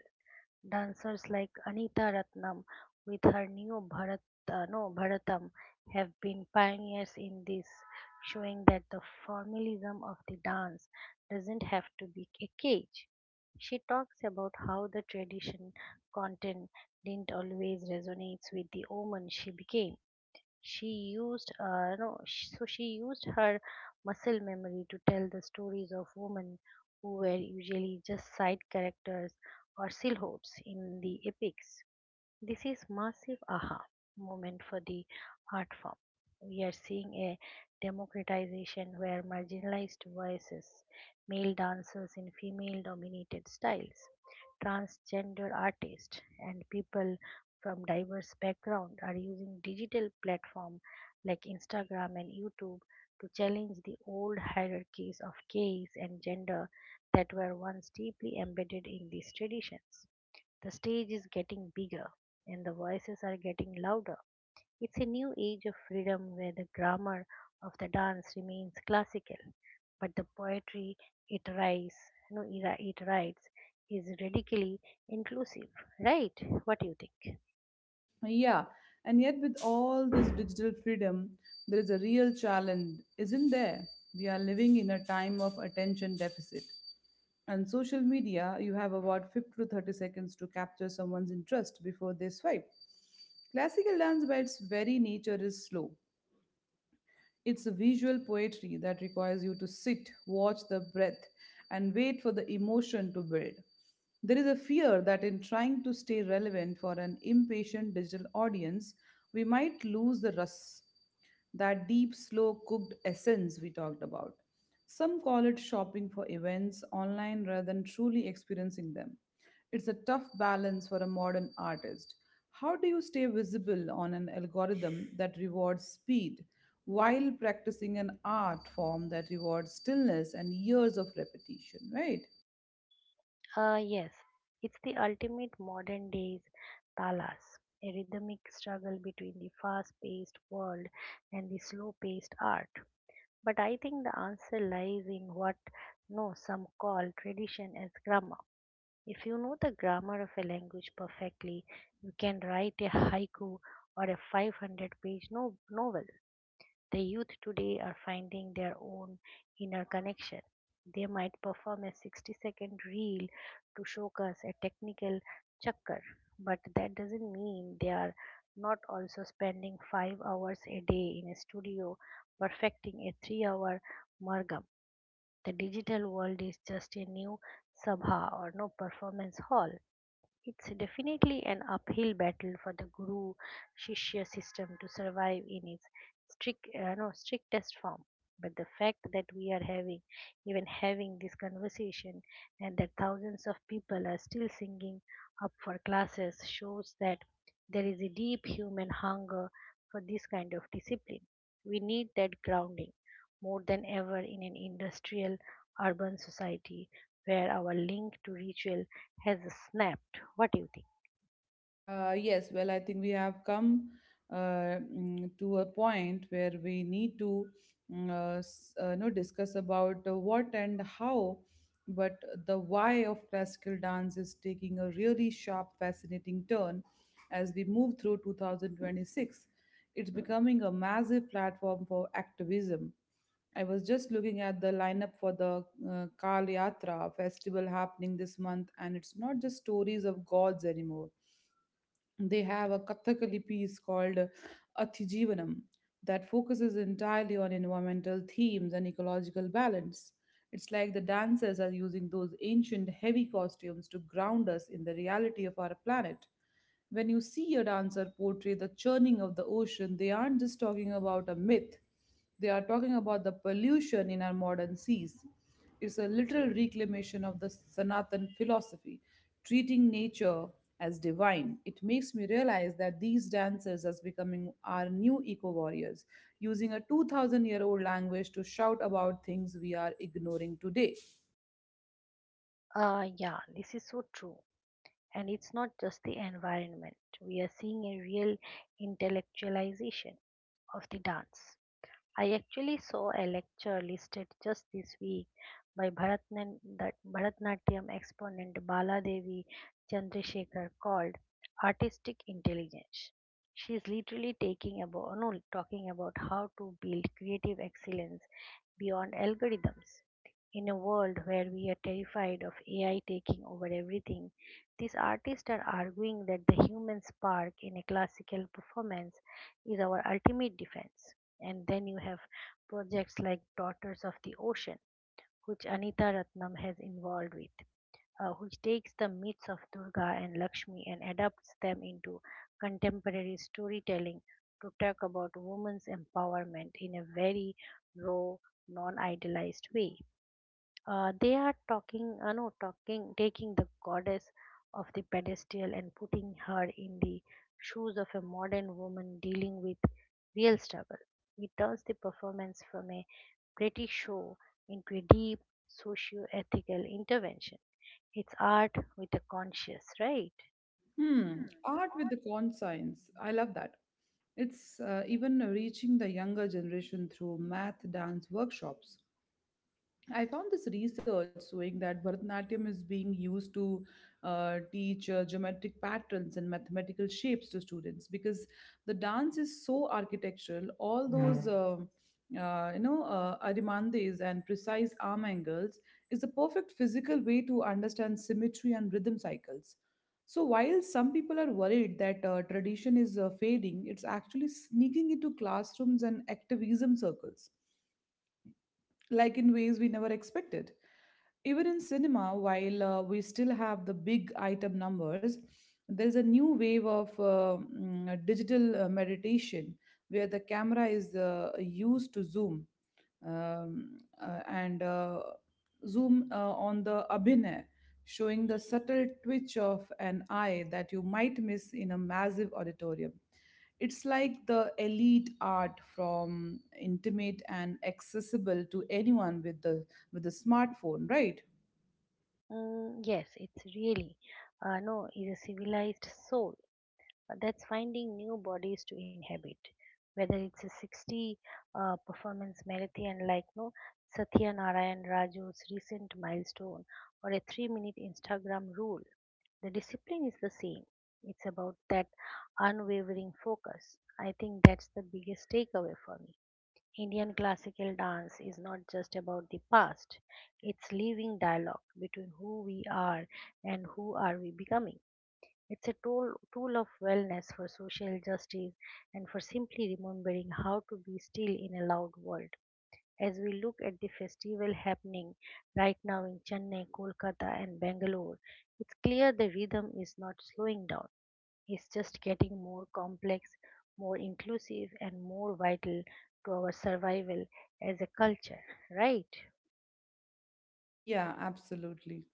S2: Dancers like Anita Ratnam with her new Bharat, no, Bharatam have been pioneers in this, showing that the formalism of the dance doesn't have to be a cage. She talks about how the tradition content didn't always resonate with the woman she became. She used so she used her muscle memory to tell the stories of women who were usually just side characters or silhouettes in the epics. This is massive aha moment for the art form. We are seeing a democratization where marginalized voices, male dancers in female dominated styles, transgender artists, and people from diverse backgrounds are using digital platforms like Instagram and YouTube to challenge the old hierarchies of gaze and gender that were once deeply embedded in these traditions. The stage is getting bigger and the voices are getting louder. It's a new age of freedom where the grammar of the dance remains classical, but the poetry it writes, no, it writes is radically inclusive, right? What do you think?
S1: Yeah, and yet with all this digital freedom, there is a real challenge, isn't there? We are living in a time of attention deficit. And social media, you have about 50 to 30 seconds to capture someone's interest before they swipe. Classical dance, by its very nature, is slow. It's a visual poetry that requires you to sit, watch the breath, and wait for the emotion to build. There is a fear that in trying to stay relevant for an impatient digital audience, we might lose the rus, that deep, slow cooked essence we talked about. Some call it shopping for events online rather than truly experiencing them. It's a tough balance for a modern artist. How do you stay visible on an algorithm that rewards speed while practicing an art form that rewards stillness and years of repetition, right?
S2: Yes, it's the ultimate modern day's talas, a rhythmic struggle between the fast paced world and the slow paced art. But I think the answer lies in what no some call tradition as grammar. If you know the grammar of a language perfectly, you can write a haiku or a 500 page novel. The youth today are finding their own inner connection. They might perform a 60-second reel to showcase a technical chakkar, but that doesn't mean they are not also spending 5 hours a day in a studio perfecting a 3-hour margam. The digital world is just a new sabha or no performance hall. It's definitely an uphill battle for the guru shishya system to survive in its strict, no, strictest form. But the fact that we are even having this conversation, and that thousands of people are still singing up for classes shows that there is a deep human hunger for this kind of discipline. We need that grounding more than ever in an industrial urban society where our link to ritual has snapped. What do you think?
S1: Yes, well, I think we have come to a point where we need to you know, discuss about the what and how, but the why of classical dance is taking a really sharp, fascinating turn as we move through 2026. It's becoming a massive platform for activism. I was just looking at the lineup for the Kal Yatra festival happening this month, and it's not just stories of gods anymore. They have a Kathakali piece called Athijivanam that focuses entirely on environmental themes and ecological balance. It's like the dancers are using those ancient heavy costumes to ground us in the reality of our planet. When you see a dancer portray the churning of the ocean, they aren't just talking about a myth. They are talking about the pollution in our modern seas. It's a literal reclamation of the Sanatan philosophy, treating nature as divine. It makes me realize that these dancers as becoming our new eco warriors, using a 2000-year-old language to shout about things we are ignoring today.
S2: Yeah, this is so true. And it's not just the environment. We are seeing a real intellectualization of the dance. I actually saw a lecture listed just this week by Bharatnan, that Bharatnatyam exponent Baladevi Chandrasekhar called Artistic Intelligence. She is literally taking about, no, talking about how to build creative excellence beyond algorithms. In a world where we are terrified of AI taking over everything, these artists are arguing that the human spark in a classical performance is our ultimate defense. And then you have projects like Daughters of the Ocean, which Anita Ratnam has involved with, which takes the myths of Durga and Lakshmi and adapts them into contemporary storytelling to talk about women's empowerment in a very raw, non idealized way. They are talking, no, talking, taking the goddess of the pedestal and putting her in the shoes of a modern woman dealing with real struggle. It turns the performance from a pretty show into a deep socio-ethical intervention. It's art with a conscience, right?
S1: Hmm, art with the conscience. I love that. It's, even reaching the younger generation through math dance workshops. I found this research showing that Bharatanatyam is being used to teach geometric patterns and mathematical shapes to students because the dance is so architectural. All those, arimandes and precise arm angles is the perfect physical way to understand symmetry and rhythm cycles. So while some people are worried that tradition is fading, it's actually sneaking into classrooms and activism circles, like, in ways we never expected. Even in cinema, while we still have the big item numbers, there's a new wave of digital meditation, where the camera is used to zoom and zoom on the abhinay, showing the subtle twitch of an eye that you might miss in a massive auditorium. It's like the elite art from intimate and accessible to anyone with the with a smartphone, right?
S2: Mm, yes, it's really no, is a civilized soul that's finding new bodies to inhabit, whether it's a 60 performance marathon like no satya narayan raju's recent milestone or a 3-minute instagram rule, the discipline is the same. It's about that unwavering focus. I think that's the biggest takeaway for me. Indian classical dance is not just about the past, it's living dialogue between who we are and who are we becoming. It's a tool of wellness, for social justice, and for simply remembering how to be still in a loud world. As we look at the festival happening right now in Chennai, Kolkata, and Bangalore, it's clear the rhythm is not slowing down. It's just getting more complex, more inclusive, and more vital to our survival as a culture, right?
S1: Yeah, absolutely.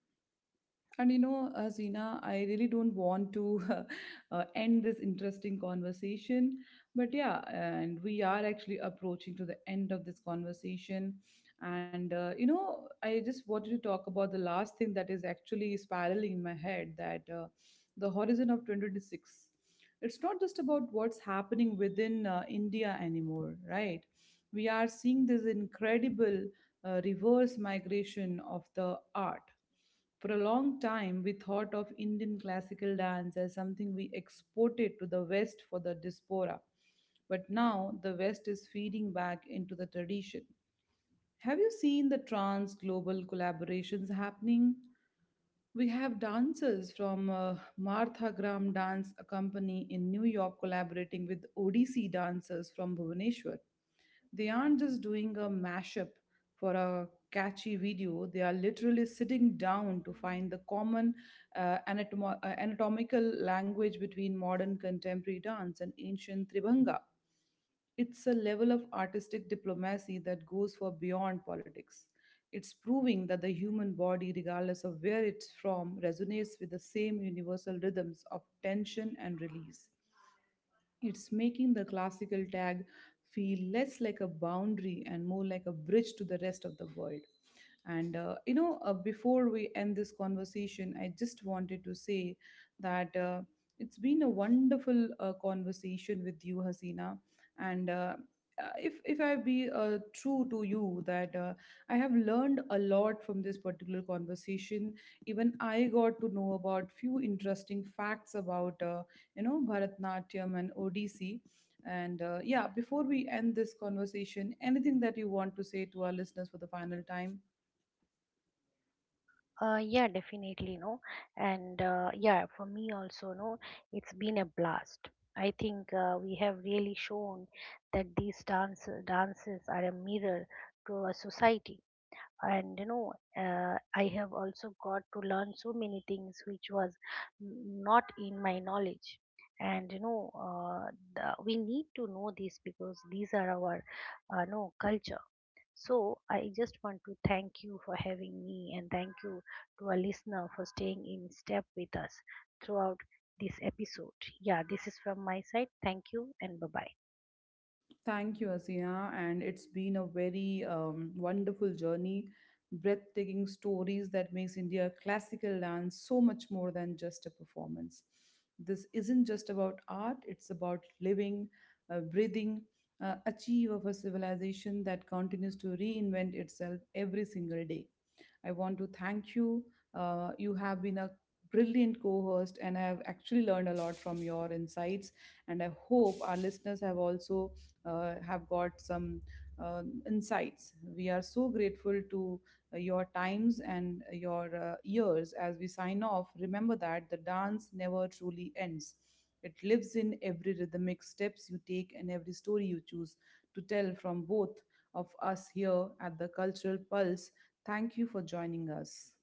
S1: And you know, Zina, I really don't want to <laughs> end this interesting conversation. But yeah, and we are actually approaching to the end of this conversation. And you know, I just wanted to talk about the last thing that is actually spiraling in my head that, the horizon of 2026. It's not just about what's happening within India anymore, right? We are seeing this incredible reverse migration of the art. For a long time, we thought of Indian classical dance as something we exported to the West for the diaspora. But now the West is feeding back into the tradition. Have you seen the trans global collaborations happening? We have dancers from Martha Graham Dance Company in New York collaborating with ODC dancers from Bhubaneswar. They aren't just doing a mashup for a catchy video, they are literally sitting down to find the common anatomical language between modern contemporary dance and ancient Tribhanga. It's a level of artistic diplomacy that goes for beyond politics. It's proving that the human body, regardless of where it's from, resonates with the same universal rhythms of tension and release. It's making the classical tag feel less like a boundary and more like a bridge to the rest of the world. And you know, before we end this conversation, I just wanted to say that it's been a wonderful conversation with you, Hasina. And if I be true to you, that I have learned a lot from this particular conversation. Even I got to know about few interesting facts about you know, Bharatnatyam and Odissi. And yeah, before we end this conversation, anything that you want to say to our listeners for the final time?
S2: Yeah, definitely, no. And yeah, for me also, no, it's been a blast. I think we have really shown that these dances are a mirror to our society. And you know, I have also got to learn so many things which was not in my knowledge. And you know, we need to know this because these are our, no culture. So I just want to thank you for having me and thank you to our listener for staying in step with us throughout this episode. Yeah, this is from my side. Thank you and bye bye.
S1: Thank you, Asina, and it's been a very wonderful journey. Breathtaking stories that makes India classical dance so much more than just a performance. This isn't just about art; it's about living, breathing, achieve of a civilization that continues to reinvent itself every single day. I want to thank you. You have been a brilliant co host, and I have actually learned a lot from your insights. And I hope our listeners have also have got some uh, insights. We are so grateful to your times and your ears as we sign off. Remember that the dance never truly ends. It lives in every rhythmic steps you take and every story you choose to tell from both of us here at the Cultural Pulse. Thank you for joining us.